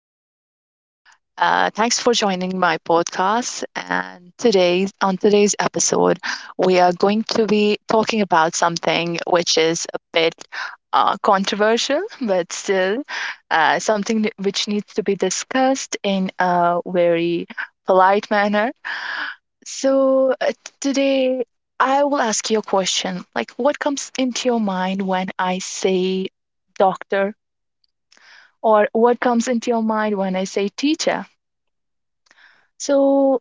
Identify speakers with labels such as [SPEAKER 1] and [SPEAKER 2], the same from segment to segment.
[SPEAKER 1] everyone. Thanks for joining my podcast. And today, on today's episode, we are going to be talking about something which is a bit controversial, but still something which needs to be discussed in a very polite manner. So uh, Today, I will ask you a question like, what comes into your mind when I say doctor? Or what comes into your mind when I say teacher? So,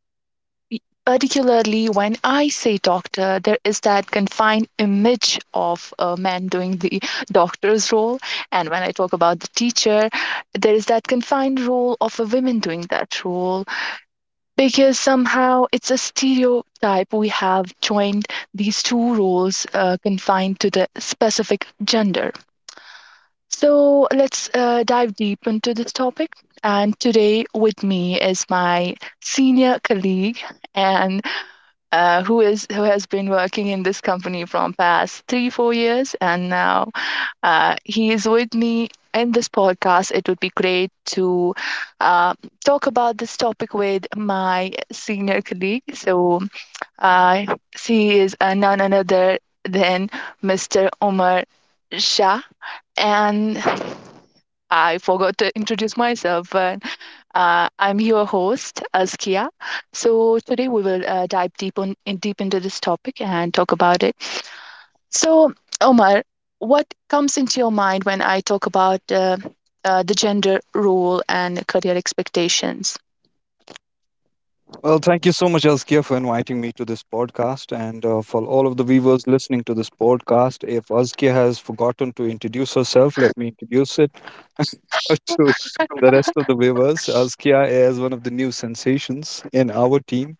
[SPEAKER 1] y- Particularly when I say doctor, there is that confined image of a man doing the doctor's role. And when I talk about the teacher, there is that confined role of a woman doing that role because somehow it's a stereotype. We have joined these two roles confined to the specific gender. So, let's dive deep into this topic. And today with me is my senior colleague and who has been working in this company from past 3-4 years, and now he is with me in this podcast. It would be great to uh, talk about this topic with my senior colleague. So she is none another than Mr. Umar Shah. And I forgot to introduce myself, but I'm your host, Azkia. So today we will dive deep into this topic and talk about it. So, Omar, what comes into your mind when I talk about the gender role and career expectations?
[SPEAKER 2] Well, thank you so much, Elskia, for inviting me to this podcast. And for all of the viewers listening to this podcast, if Elskia has forgotten to introduce herself, let me introduce it to the rest of the viewers. Elskia is one of the new sensations in our team.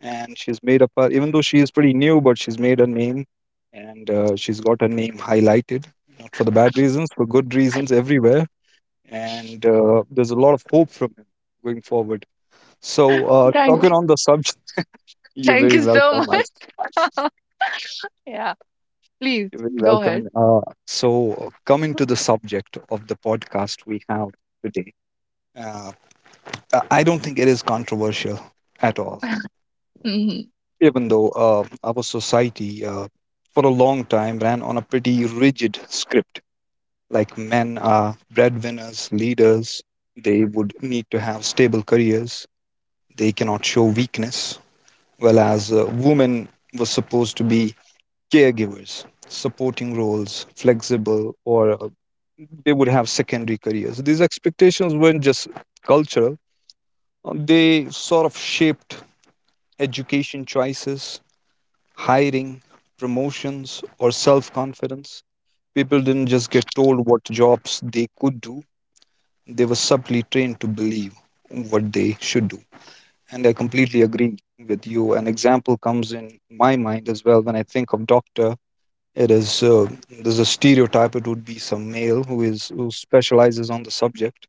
[SPEAKER 2] And she's made up her, even though she is pretty new, but she's made her name and she's got her name highlighted, not for the bad reasons, for good reasons everywhere. And there's a lot of hope from him going forward. So,
[SPEAKER 1] Thank,
[SPEAKER 2] talking on the subject. You're
[SPEAKER 1] thank
[SPEAKER 2] very
[SPEAKER 1] you so
[SPEAKER 2] welcome,
[SPEAKER 1] much.
[SPEAKER 2] as
[SPEAKER 1] Yeah, please
[SPEAKER 2] you're very
[SPEAKER 1] go ahead.
[SPEAKER 2] welcome. Coming to the subject of the podcast we have today, uh, I don't think it is controversial at all.
[SPEAKER 1] Mhm.
[SPEAKER 2] Even though our society, for a long time, ran on a pretty rigid script, like men are breadwinners, leaders. They would need to have stable careers. They cannot show weakness, whereas women were supposed to be caregivers, supporting roles, flexible, or they would have secondary careers. These expectations weren't just cultural, they sort of shaped education choices, hiring, promotions, or self confidence. People didn't just get told what jobs they could do, they were subtly trained to believe what they should do. And I completely agree with you. An example comes in my mind as well when I think of Dr. It is there's a stereotype. It would be some male who specializes on the subject.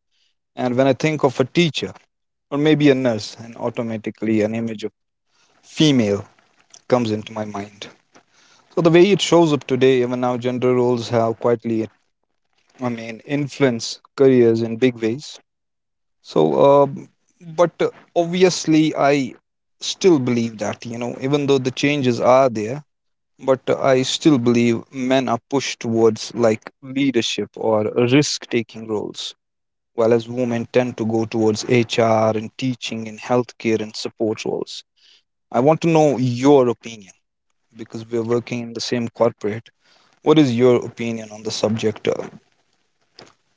[SPEAKER 2] And when I think of a teacher or maybe a nurse, and automatically an image of female comes into my mind. So the way it shows up today, even now, gender roles have quietly, I mean, influence careers in big ways. So, but Obviously, I still believe that you know, even though the changes are there, but I still believe men are pushed towards like leadership or risk taking roles, while as women tend to go towards HR and teaching and healthcare and support roles. I want to know your opinion because we're working in the same corporate. What is your opinion on the subject uh,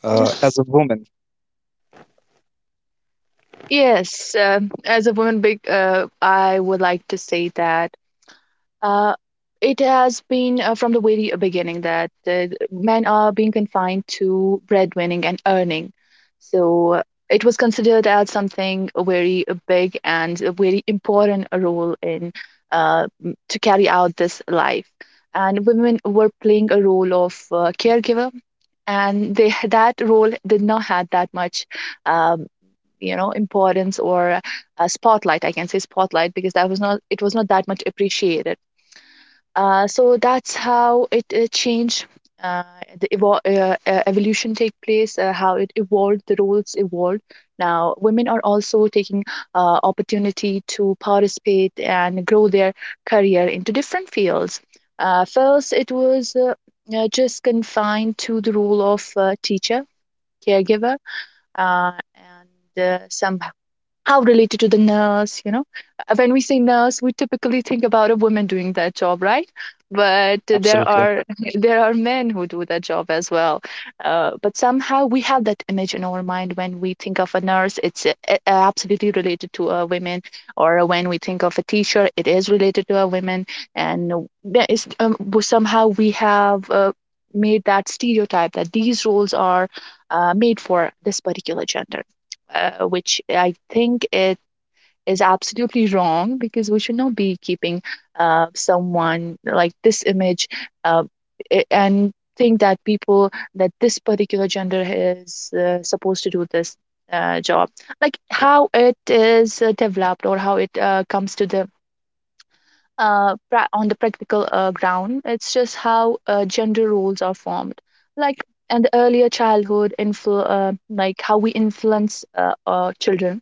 [SPEAKER 2] uh, as a woman?
[SPEAKER 1] Yes, as a woman, I would like to say that. Uh, it has been from the very beginning that men are being confined to breadwinning and earning. So it was considered as something very big and a very important role in to carry out this life. And women were playing a role of caregiver, and they that role did not had that much, um, you know, importance or a spotlight. I can say spotlight because that was not it was not that much appreciated so that's how it changed. Uh, the evolution take place, how it evolved, the roles evolved. Now, women are also taking opportunity to participate and grow their career into different fields. First, it was just confined to the role of teacher, caregiver, uh, and somehow how related to the nurse, you know. When we say nurse, we typically think about a woman doing that job, right? But there
[SPEAKER 2] Absolutely.
[SPEAKER 1] are there are men who do that job as well, but somehow we have that image in our mind. When we think of a nurse, it's absolutely related to a woman, or when we think of a teacher, it is related to a woman. And there is- um, somehow we have made that stereotype that these roles are made for this particular gender, which I think it is absolutely wrong because we should not be keeping someone like this image, uh, and think that this particular gender is supposed to do this job. Like, how it is developed or how it comes to the on the practical ground, it's just how gender roles are formed. like and the earlier childhood like how we influence our children.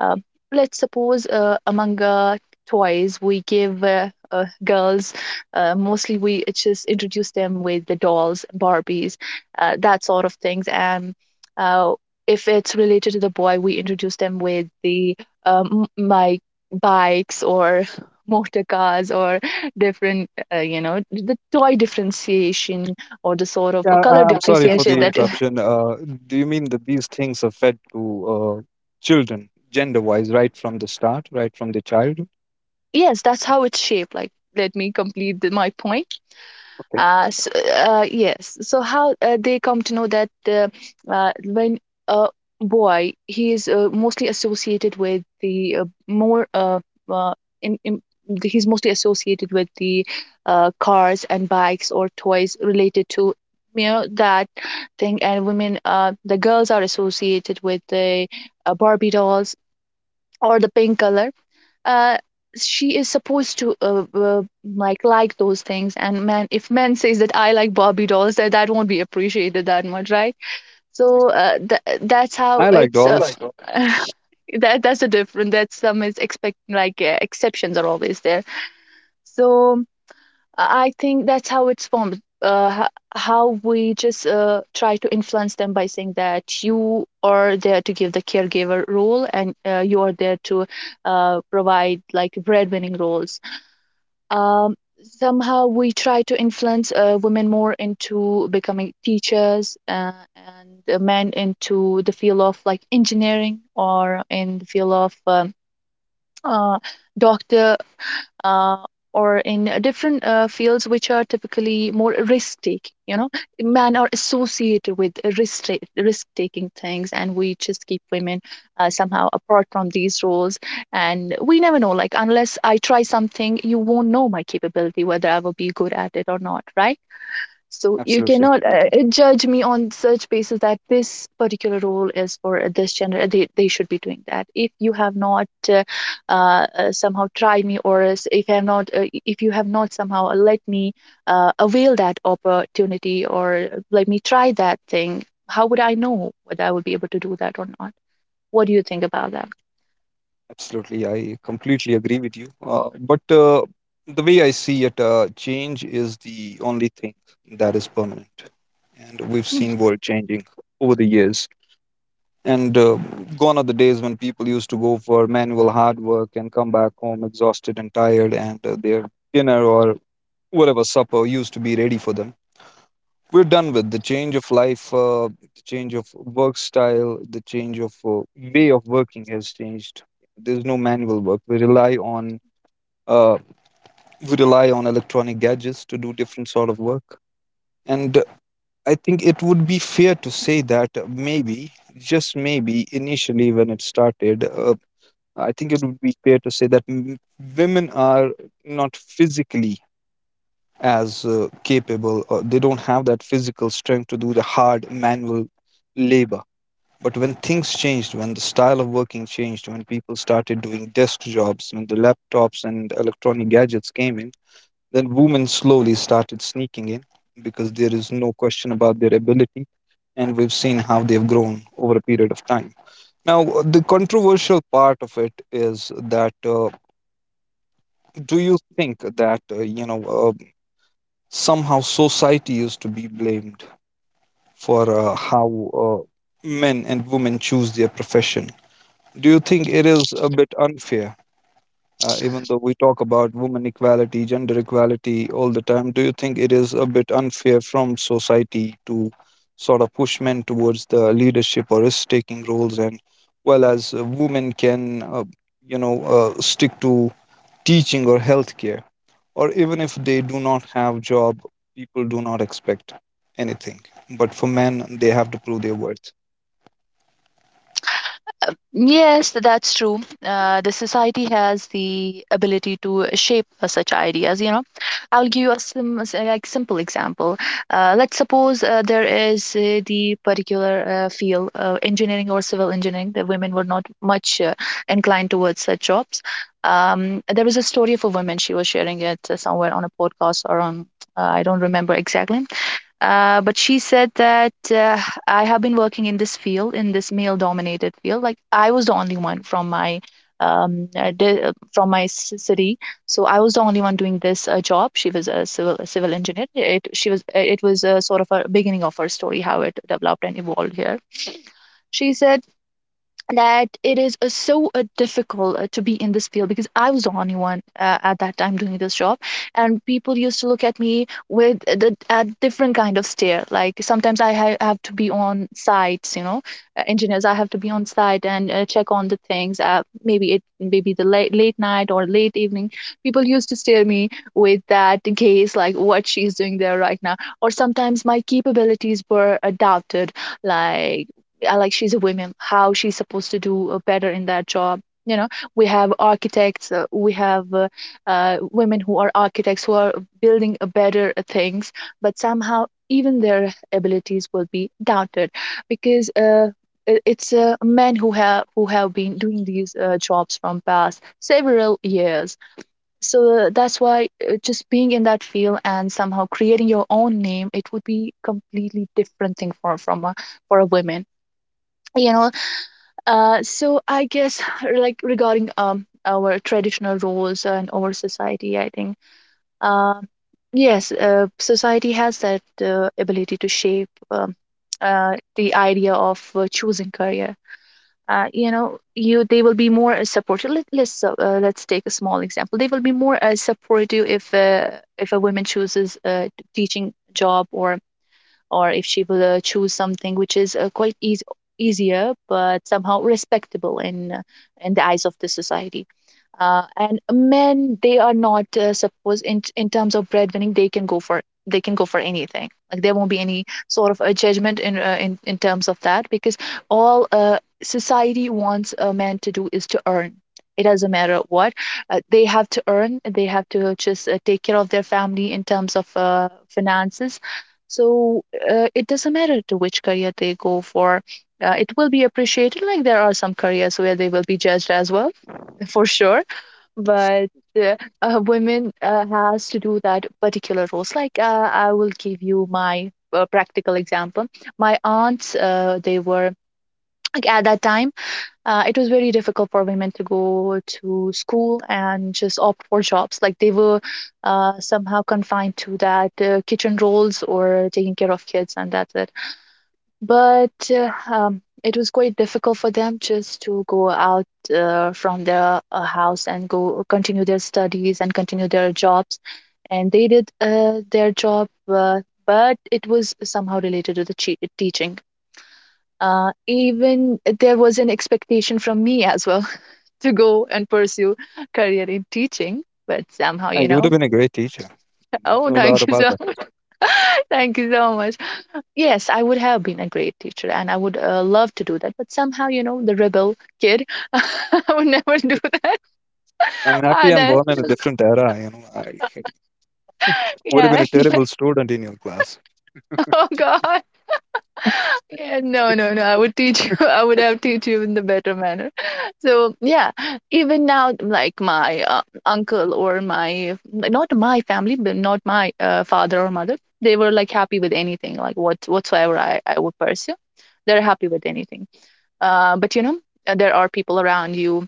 [SPEAKER 1] uh, let's suppose, among toys, we give girls, mostly we just introduce them with the dolls, Barbies, that sort of things. And uh, if it's related to the boy, we introduce them with the my bikes or motor cars or different, you know, the toy differentiation or the sort of
[SPEAKER 2] Yeah,
[SPEAKER 1] color
[SPEAKER 2] I'm sorry for
[SPEAKER 1] differentiation
[SPEAKER 2] the
[SPEAKER 1] that…
[SPEAKER 2] interruption. Do you mean that these things are fed to uh, children, gender wise, right from the start, right from the childhood?
[SPEAKER 1] Yes, that's how it's shaped. Like, let me complete my point.
[SPEAKER 2] Okay.
[SPEAKER 1] So yes. So how they come to know that when a boy, he is mostly associated with the uh, in, in, he's mostly associated with the cars and bikes or toys related to, you know, that thing. And the girls are associated with the Barbie dolls or the pink color. uh she is supposed to like those things. And man, if man says that I like Barbie dolls, that won't be appreciated that much, right? So that's how
[SPEAKER 2] I liked
[SPEAKER 1] it's
[SPEAKER 2] all
[SPEAKER 1] that. That's a different… that's some is expect like Exceptions are always there. So I think that's how it's formed. How we just try to influence them by saying that you are there to give the caregiver role, and you are there to provide like breadwinning roles. Um, Somehow we try to influence women more into becoming teachers, and men into the field of like engineering or in the field of uh, doctor, uh, or in different fields which are typically more risk taking, you know. Men are associated with risk taking things, and we just keep women somehow apart from these roles. And we never know, like, unless I try something, you won't know my capability whether I will be good at it or not, right? So you
[SPEAKER 2] absolutely,
[SPEAKER 1] cannot judge me on such basis that this particular role is for this gender. They should be doing that. If you have not somehow tried me, if you have not, if you have not somehow let me avail that opportunity, or let me try that thing, how would I know whether I would be able to do that or not? What do you think about that?
[SPEAKER 2] absolutely. I completely agree with you. But The way I see it, change is the only thing that is permanent. And we've seen world changing over the years. And gone are the days when people used to go for manual hard work and come back home exhausted and tired, and their dinner or whatever supper used to be ready for them. We're done with the change of life, the change of work style, the change of way of working has changed. There's no manual work we rely on. Uh, we rely on electronic gadgets to do different sort of work. And I think it would be fair to say that maybe, just maybe, initially when it started, I think it would be fair to say that women are not physically as capable, or they don't have that physical strength to do the hard manual labor. But when things changed, when the style of working changed, when people started doing desk jobs, when the laptops and electronic gadgets came in, then women slowly started sneaking in, because there is no question about their ability. And we've seen how they've grown over a period of time. Now, the controversial part of it is that, do you think that, you know, somehow society used to be blamed for how men and women choose their profession. Do you think it is a bit unfair, even though we talk about women equality, gender equality all the time? Do you think it is a bit unfair from society to sort of push men towards the leadership or risk taking roles, and well as women can, stick to teaching or healthcare? Or even if they do not have job, people do not expect anything, but for men they have to prove their worth.
[SPEAKER 1] Yes, that's true. The society has the ability to shape such ideas. You know, I'll give you a like simple example. Let's suppose there is the particular field, engineering or civil engineering. The women were not much inclined towards such jobs. There was a story of a woman. She was sharing it somewhere on a podcast or on… I don't remember exactly, but she said that, I have been working in this field, in this male-dominated field. Like, I was the only one from my from my city, so I was the only one doing this job. She was a civil engineer. It She was it was a sort of a beginning of her story, how it developed and evolved here. She said that it is so difficult to be in this field because I was the only one at that time doing this job, and people used to look at me with the a different kind of stare. Like, sometimes I have to be on sites, you know, engineers. I have to be on site and check on the things. Maybe it maybe the late night or late evening. People used to stare me with that gaze, like, what she's doing there right now. Or sometimes my capabilities were doubted, like like, she's a woman, how she's supposed to do better in that job, you know. We have architects, we have women who are architects who are building better things, but somehow even their abilities will be doubted because it's men who have been doing these jobs from past several years. So that's why just being in that field and somehow creating your own name, it would be completely different thing for from a, for a woman, you know. So I guess like, regarding our traditional roles and our society, I think, um yes, society has that ability to shape the idea of choosing career. You know, you they will be more supportive. Let's let's take a small example. They will be more supportive if a woman chooses a teaching job, or if she will choose something which is quite easy easier but somehow respectable in the eyes of the society. And men, they are not suppose in terms of breadwinning, they can go for anything. Like, there won't be any sort of a judgment in in terms of that, because all society wants a man to do is to earn. It doesn't matter what, they have to earn. They have to just take care of their family in terms of finances. So it doesn't matter to which career they go for. It will be appreciated. Like there are some careers where they will be judged as well, for sure. But uh, women has to do that particular roles. Like I will give you my practical example. My aunts, they were like at that time, it was very difficult for women to go to school and just opt for jobs. Like they were somehow confined to that kitchen roles or taking care of kids, and that's it, but it was quite difficult for them just to go out from their house and go continue their studies and continue their jobs. And they did their job but it was somehow related to the teaching. Even there was an expectation from me as well to go and pursue career in teaching, but somehow you
[SPEAKER 2] And you would have
[SPEAKER 1] know
[SPEAKER 2] been a great teacher. There's
[SPEAKER 1] Oh,
[SPEAKER 2] no doubt
[SPEAKER 1] thank you
[SPEAKER 2] about
[SPEAKER 1] so
[SPEAKER 2] that.
[SPEAKER 1] much. Thank you so much. Yes, I would have been a great teacher and I would love to do that. But somehow, the rebel kid, I would never do that.
[SPEAKER 2] I'm happy
[SPEAKER 1] And
[SPEAKER 2] I'm
[SPEAKER 1] I,
[SPEAKER 2] born in a different era, you know. I would have been
[SPEAKER 1] yeah.
[SPEAKER 2] a terrible student in your class.
[SPEAKER 1] Oh God. Yeah, no, no, no. I would teach you. I would have teach you in the better manner. So yeah, even now, like my uncle or my, like, not my family, but not my father or mother, they were like happy with anything, like what whatsoever I would pursue. They're happy with anything. But there are people around you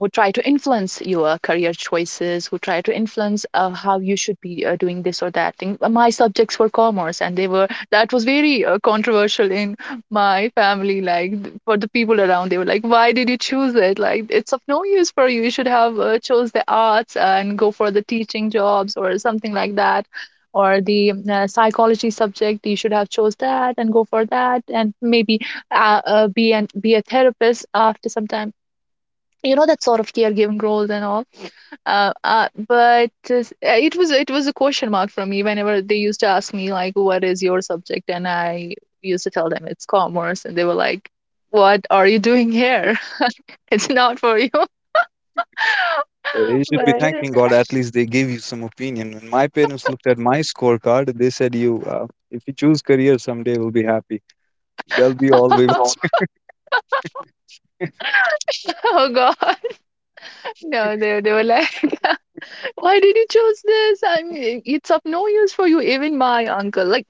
[SPEAKER 1] who try to influence your career choices, who try to influence how you should be doing this or that thing. But my subjects were commerce, and they were that was very controversial in my family. Like, for the people around, they were like, "Why did you choose it? Like it's of no use for you. You should have chose the arts and go for the teaching jobs or something like that." Or the psychology subject, you should have chose that and go for that, and maybe be a therapist after some time, that sort of caregiving roles and all. But it was a question mark for me whenever they used to ask me like, what is your subject, and I used to tell them it's commerce, and they were like, what are you doing here? It's not for you.
[SPEAKER 2] You should be thanking
[SPEAKER 1] But
[SPEAKER 2] god at least they gave you some opinion. When my parents looked at my scorecard they said you if you choose career someday we'll be happy, that'll be all we want.
[SPEAKER 1] oh, god. No, they were like, why did you choose this? I mean, it's of no use for you. Even my uncle, like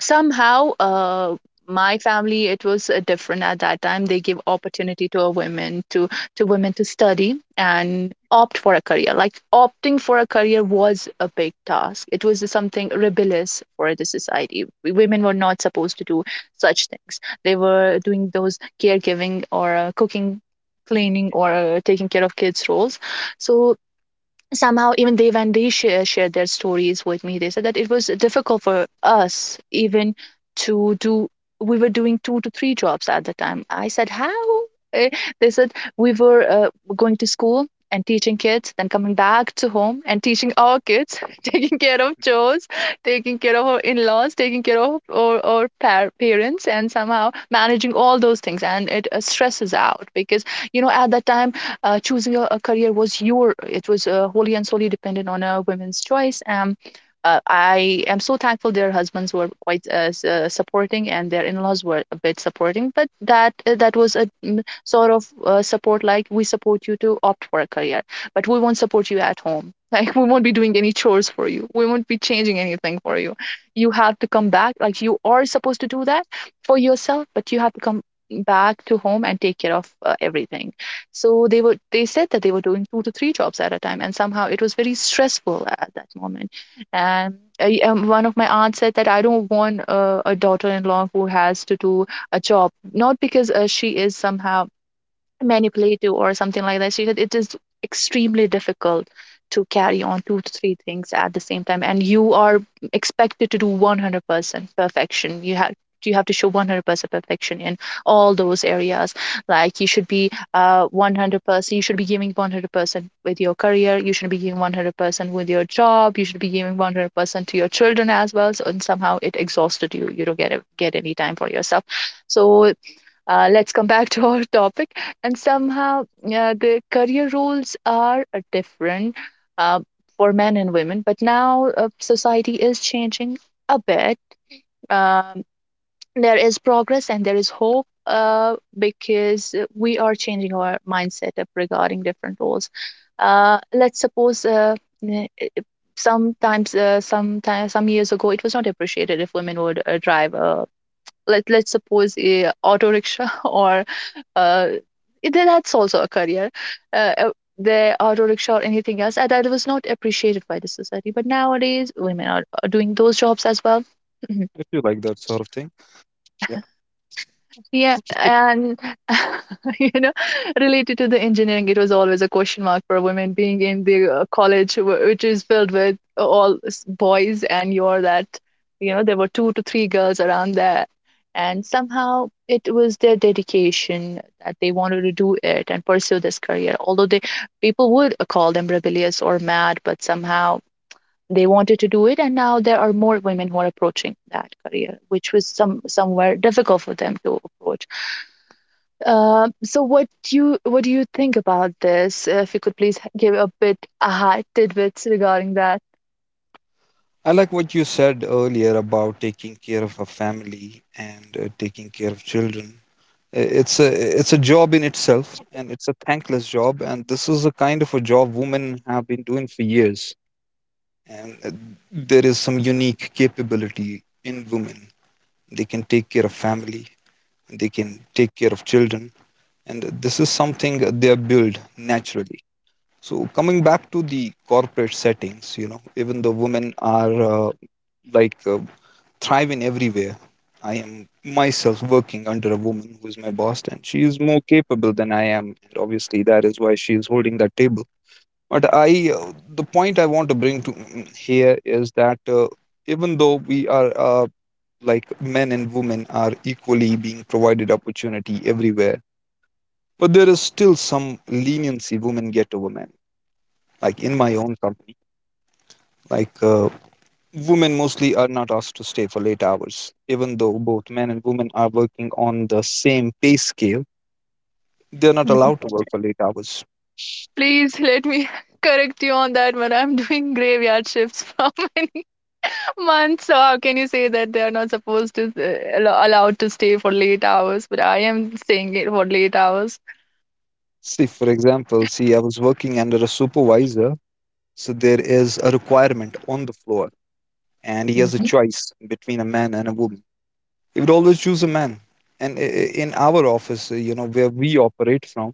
[SPEAKER 1] somehow my family, it was different. At that time they give opportunity to a women to women to study and opt for a career. Like opting for a career was a big task. It was something rebellious for the society. Women were not supposed to do such things. They were doing those caregiving or cooking, cleaning, or taking care of kids roles. So somehow, even they, when they shared their stories with me, they said that it was difficult for us. Even to do, we were doing two to three jobs at the time. I said how? Eh, they said we were going to school and teaching kids, then coming back to home and teaching our kids, taking care of chores, taking care of our in-laws, taking care of our parents, and somehow managing all those things, and it stresses out. Because, at that time choosing a career was your it was wholly and solely dependent on a woman's choice. I am so thankful their husbands were quite supporting and their in-laws were a bit supporting, but that that was a sort of support. Like, we support you to opt for a career, but we won't support you at home. Like, we won't be doing any chores for you, we won't be changing anything for you. You have to come back. Like, you are supposed to do that for yourself, but you have to come back to home and take care of everything. So they said that they were doing two to three jobs at a time, and somehow it was very stressful at that moment. And I, one of my aunts said that I don't want a daughter-in-law who has to do a job, not because she is somehow manipulative or something like that. She said it is extremely difficult to carry on two to three things at the same time, and you are expected to do 100% perfection. You have to show 100% perfection in all those areas. Like, you should be 100%, you should be giving 100% with your career, you should be giving 100% with your job, you should be giving 100% to your children as well. So, and somehow it exhausted you. You don't get any time for yourself. So let's come back to our topic. And somehow, yeah, the career roles are different uh, for men and women, but now society is changing a bit. um, there is progress and there is hope, because we are changing our mindset up regarding different roles. Let's suppose n- i- i- some years ago, it was not appreciated if women would drive a let's suppose a auto rickshaw, or uh, then that's also a career. Uh, uh, the auto rickshaw or anything else, and that was not appreciated by the society. But nowadays, women are doing those jobs as well.
[SPEAKER 2] If you like that sort of thing, yeah.
[SPEAKER 1] Yeah, and you know, related to the engineering, it was always a question mark for women being in the college, which is filled with all boys, and you're that, there were two to three girls around there. And somehow it was their dedication that they wanted to do it and pursue this career. Although they people would call them rebellious or mad, but somehow they wanted to do it. And now there are more women who are approaching that career, which was somewhere difficult for them to approach. So what do you think about this? If you could please give a bit tidbits regarding that.
[SPEAKER 2] I like what you said earlier about taking care of a family and taking care of children. It's a, it's a job in itself, and it's a thankless job. And this is a kind of a job women have been doing for years. And there is some unique capability in women. They can take care of family. They can take care of children. And this is something that they are built naturally. So coming back to the corporate settings, you know, even though women are, uh, like uh, thriving everywhere. I am myself working under a woman who is my boss, and she is more capable than I am. And obviously, that is why she is holding that table. But I, the point I want to bring to here is that, even though we are, like, men and women are equally being provided opportunity everywhere, but there is still some leniency women get over men. Like in my own company, like, women mostly are not asked to stay for late hours. Even though both men and women are working on the same pay scale, they are not
[SPEAKER 1] Mm.
[SPEAKER 2] allowed to work for late hours.
[SPEAKER 1] Please let me correct you on that one. I'm doing graveyard shifts for many months. So how can you say that they are not supposed to allowed to stay for late hours? But I am staying it for late hours.
[SPEAKER 2] See, for example, see, I was working under a supervisor, so there is a requirement on the floor, and he has a
[SPEAKER 1] Mhm.
[SPEAKER 2] choice between a man and a woman. He would always choose a man. And in our office, you know, where we operate from,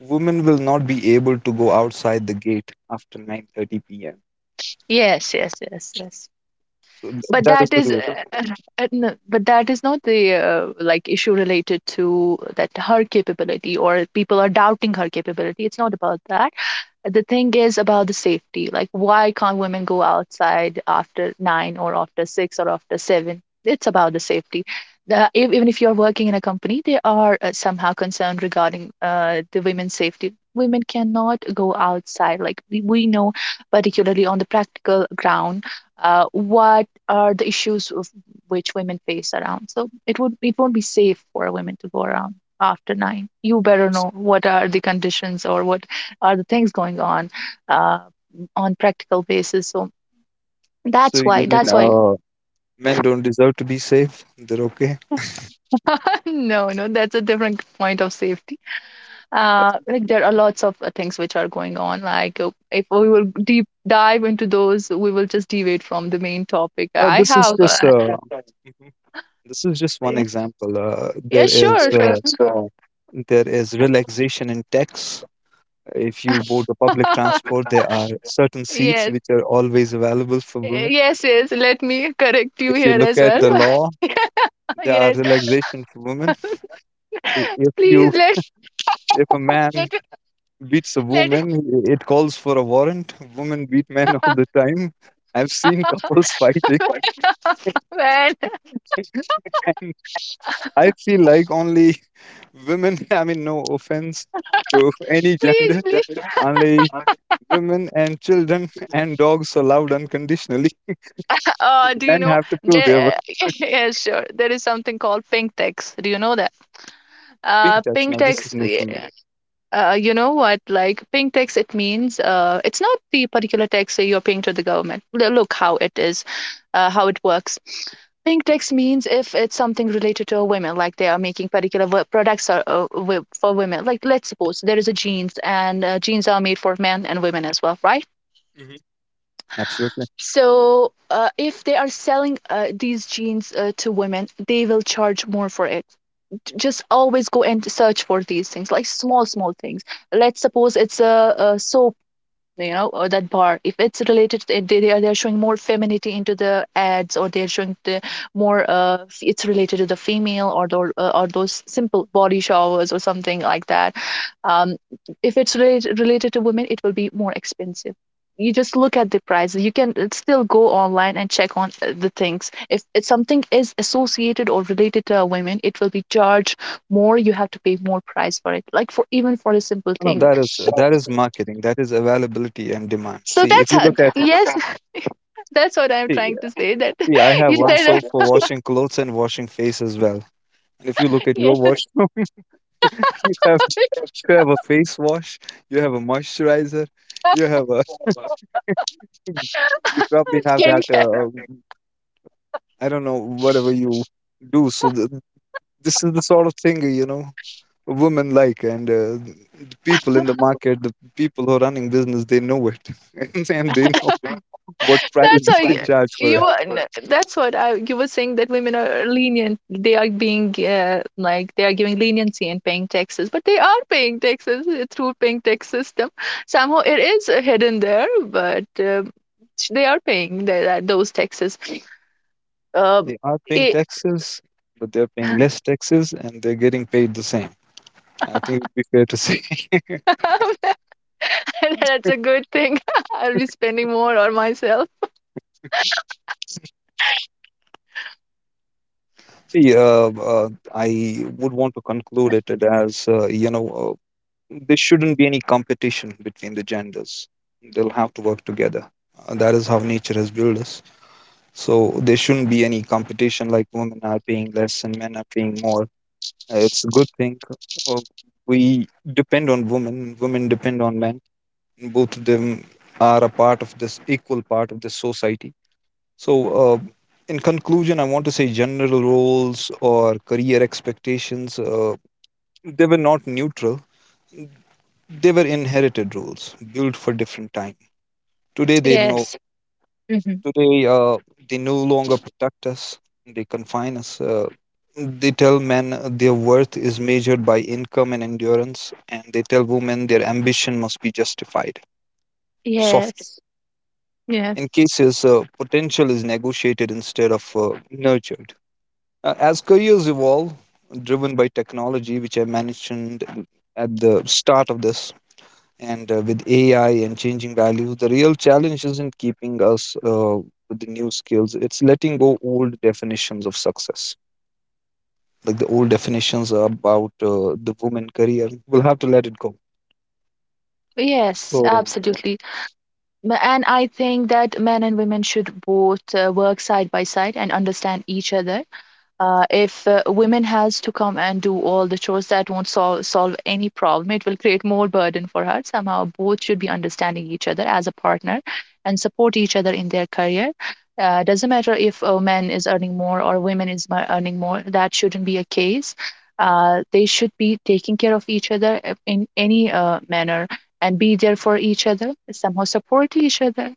[SPEAKER 2] women will not be able to go outside the gate after 9:30 p.m.
[SPEAKER 1] Yes, yes, yes, yes.
[SPEAKER 2] So
[SPEAKER 1] but
[SPEAKER 2] that is
[SPEAKER 1] that
[SPEAKER 2] the
[SPEAKER 1] is
[SPEAKER 2] rule.
[SPEAKER 1] no, but that is not the like issue related to that, her capability or people are doubting her capability. It's not about that. The thing is about the safety. Like, why can't women go outside after nine or after six or after seven? It's about the safety. Even if you're working in a company, they are somehow concerned regarding the women's safety. Women cannot go outside. Like, we know, particularly on the practical ground, what are the issues of which women face around. So it won't be safe for a women to go around after nine. You better know what are the conditions or what are the things going uh, on practical basis. So
[SPEAKER 2] So you mean
[SPEAKER 1] that's why.
[SPEAKER 2] men don't deserve to be safe. They're okay.
[SPEAKER 1] No, no, that's a different point of safety. Like, there are lots of things which are going on. Like, if we will deep dive into those, we will just deviate from the main topic. I
[SPEAKER 2] This is
[SPEAKER 1] have
[SPEAKER 2] just mhm, this is just one
[SPEAKER 1] yeah,
[SPEAKER 2] example.
[SPEAKER 1] yeah,
[SPEAKER 2] There is
[SPEAKER 1] sure, sure.
[SPEAKER 2] there is relaxation in tax. If you board the public transport, there are certain seats
[SPEAKER 1] Yes,
[SPEAKER 2] which are always available for women.
[SPEAKER 1] yes, yes. Let me correct you
[SPEAKER 2] If you
[SPEAKER 1] here
[SPEAKER 2] look
[SPEAKER 1] as
[SPEAKER 2] at
[SPEAKER 1] well.
[SPEAKER 2] the law, there are
[SPEAKER 1] Yes,
[SPEAKER 2] relaxation for women. If
[SPEAKER 1] please
[SPEAKER 2] you, if a man
[SPEAKER 1] let
[SPEAKER 2] beats a
[SPEAKER 1] let
[SPEAKER 2] woman, it calls for a warrant. Women beat men all the time. I've seen couples fighting.
[SPEAKER 1] man,
[SPEAKER 2] And I feel like only women, I mean, no offense to any
[SPEAKER 1] please,
[SPEAKER 2] gender,
[SPEAKER 1] please.
[SPEAKER 2] only women and children and dogs are loved unconditionally.
[SPEAKER 1] Do you
[SPEAKER 2] Men
[SPEAKER 1] know
[SPEAKER 2] have to prove their worth.
[SPEAKER 1] there? Yeah, sure. There is something called pink tax. Do you know that? Uh,
[SPEAKER 2] Pink tax.
[SPEAKER 1] pink
[SPEAKER 2] Now, this is
[SPEAKER 1] tax.
[SPEAKER 2] new for me.
[SPEAKER 1] Yeah. You know what? Like pink tax, it means it's not the particular tax that you're paying to the government. Look how it is, how it works. Pink tax means if it's something related to women, like they are making particular products or, for women. Like let's suppose there is a jeans, and jeans are made for men and women as well, right?
[SPEAKER 2] Mhm. Absolutely.
[SPEAKER 1] So, if they are selling these jeans to women, they will charge more for it. Just always go and search for these things, like small, small things. Let's suppose it's a or that bar, if it's related to they're showing more femininity into the ads, or they're showing the more it's related to the female, or the or those simple body showers or something like that. um if it's related to women, it will be more expensive. You just look at the prices. You can still go online and check on the things. If something is associated or related to women, it will be charged more. You have to pay more price for it, like, for even for a simple
[SPEAKER 2] No, no,
[SPEAKER 1] thing.
[SPEAKER 2] that is, that is marketing. That is availability and demand.
[SPEAKER 1] So
[SPEAKER 2] See, if
[SPEAKER 1] that's
[SPEAKER 2] you
[SPEAKER 1] how—
[SPEAKER 2] look at,
[SPEAKER 1] yes. That's what I'm
[SPEAKER 2] see,
[SPEAKER 1] trying to say. That
[SPEAKER 2] see, I have
[SPEAKER 1] you
[SPEAKER 2] one
[SPEAKER 1] said
[SPEAKER 2] soap for washing clothes and washing face as well. And if you look at
[SPEAKER 1] yeah,
[SPEAKER 2] your wash, you have, you have a face wash, you have a moisturizer, you have a, mm, you probably have that.
[SPEAKER 1] skincare.
[SPEAKER 2] I don't know, whatever you do. So this is the sort of thing, you know, women like, and the people in the market, the people who are running business, they know it, and they know what price
[SPEAKER 1] That's
[SPEAKER 2] they
[SPEAKER 1] why
[SPEAKER 2] can charge for it.
[SPEAKER 1] that's what I— you were saying that women are lenient. They are being, like, they are giving leniency and paying taxes, but they are paying taxes through paying tax system. Somehow it is hidden there, but they are paying that those taxes. Um,
[SPEAKER 2] They are paying
[SPEAKER 1] it,
[SPEAKER 2] taxes, but they're paying less taxes, and they're getting paid the same. I think it would be fair to say.
[SPEAKER 1] that's a good thing. I'll be spending more on myself.
[SPEAKER 2] See, I would want to conclude it as, you know. There shouldn't be any competition between the genders. They'll have to work together. That is how nature has built us. So there shouldn't be any competition like women are paying less and men are paying more. It's a good thing. Uh, We depend on women, women depend on men. Both of them are a part of this equal part of this society. So, uh, in conclusion, I want to say general roles or career expectations, they were not neutral, they were inherited rules built for different time. Today they know,
[SPEAKER 1] Yes. Hmm.
[SPEAKER 2] today they no longer protect us, they confine us. They tell men their worth is measured by income and endurance, and they tell women their ambition must be justified, softened.
[SPEAKER 1] Yes.
[SPEAKER 2] In cases potential is negotiated instead of nurtured. As careers evolve, driven by technology which I mentioned at the start of this, and with AI and changing values, the real challenge isn't keeping us with the new skills. It's letting go old definitions of success, like the old definitions about the woman career. We'll have to let it go.
[SPEAKER 1] Yes,
[SPEAKER 2] So,
[SPEAKER 1] absolutely. And I think that men and women should both work side by side and understand each other. If women has to come and do all the chores, that won't solve any problem. It will create more burden for her. Somehow both should be understanding each other as a partner, and support each other in their career. Doesn't matter if a man is earning more or women is earning more, that shouldn't be a case. They should be taking care of each other in any manner, and be there for each other, somehow support each other.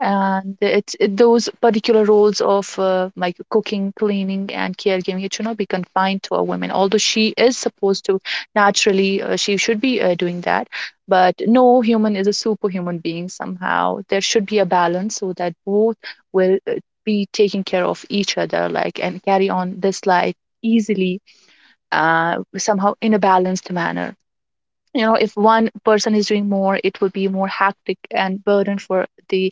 [SPEAKER 1] And those particular roles of like cooking, cleaning, and caregiving, it should not be confined to a woman, although she is supposed to naturally— she should be doing that. But no human is a superhuman being. Somehow there should be a balance so that both will be taking care of each other, like, and carry on this life easily, somehow in a balanced manner. If one person is doing more, it would be more hectic and burden for the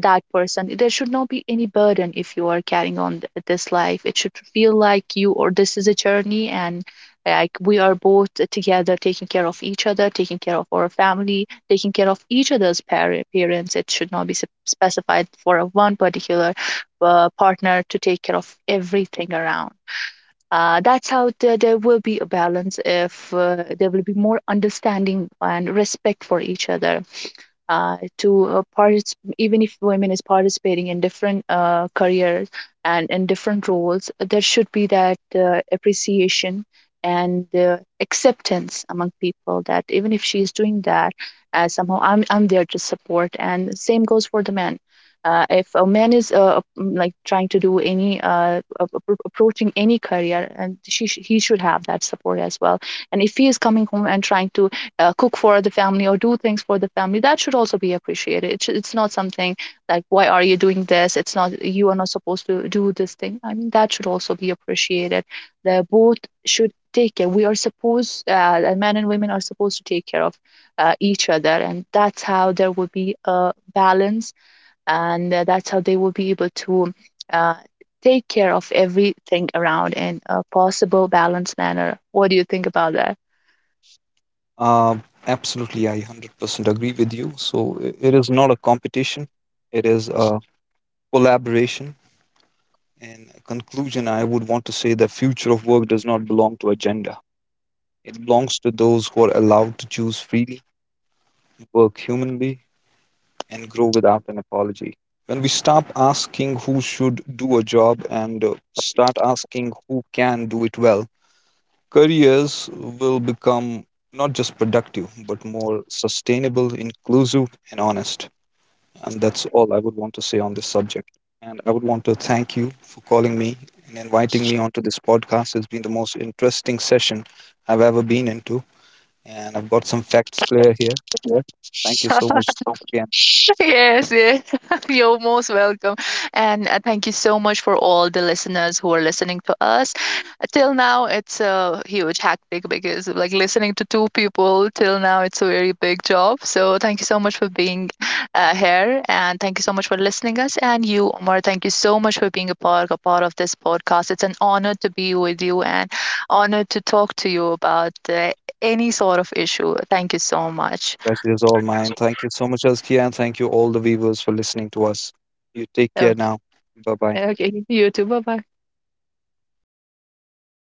[SPEAKER 1] that person. There should not be any burden. If you are carrying on this life, it should feel like you— or this is a journey, and like we are both together taking care of each other, taking care of our family, taking care of each other's parents. It should not be specified for a one particular partner to take care of everything around. That's how there will be a balance, if there will be more understanding and respect for each other. To even if women is participating in different careers and in different roles, there should be that appreciation and acceptance among people, that even if she is doing that, somehow I'm there to support. And the same goes for the men. If a man is like trying to do any approaching any career, and he should have that support as well. And if he is coming home and trying to cook for the family or do things for the family, that should also be appreciated. It's not something like, why are you doing this? It's not— you are not supposed to do this thing. I mean, that should also be appreciated. They both should take care. We are supposed— men and women are supposed to take care of each other, and that's how there will be a balance. And that's how they will be able to uh, take care of everything around in a possible balanced manner. What do you think about that?
[SPEAKER 2] uh, absolutely, I 100% agree with you. So, it is not a competition, it is a collaboration. And a conclusion, I would want to say the future of work does not belong to agenda. It belongs to those who are allowed to choose freely, work humanly, and grow without an apology. When we stop asking who should do a job, and start asking who can do it well, careers will become not just productive, but more sustainable, inclusive, and honest. And that's all I would want to say on this subject. And I would want to thank you for calling me and inviting me onto this podcast. It's been the most interesting session I've ever been into. And I've got some facts clear here. Thank you so much again.
[SPEAKER 1] Yes, yes. You're most welcome. And thank you so much for all the listeners who are listening to us. Till now, it's a huge hectic because, like, listening to two people till now, it's a very big job. So, thank you so much for being here. And thank you so much for listening us. And you, Omar, thank you so much for being a part, of this podcast. It's an honor to be with you, and honor to talk to you about any sort of issue. Thank you so much.
[SPEAKER 2] Pleasure is all mine. Thank you so much, Azkia, and thank you all the viewers for listening to us. You take care
[SPEAKER 1] Okay,
[SPEAKER 2] now. Bye bye.
[SPEAKER 1] okay. You too. Bye bye.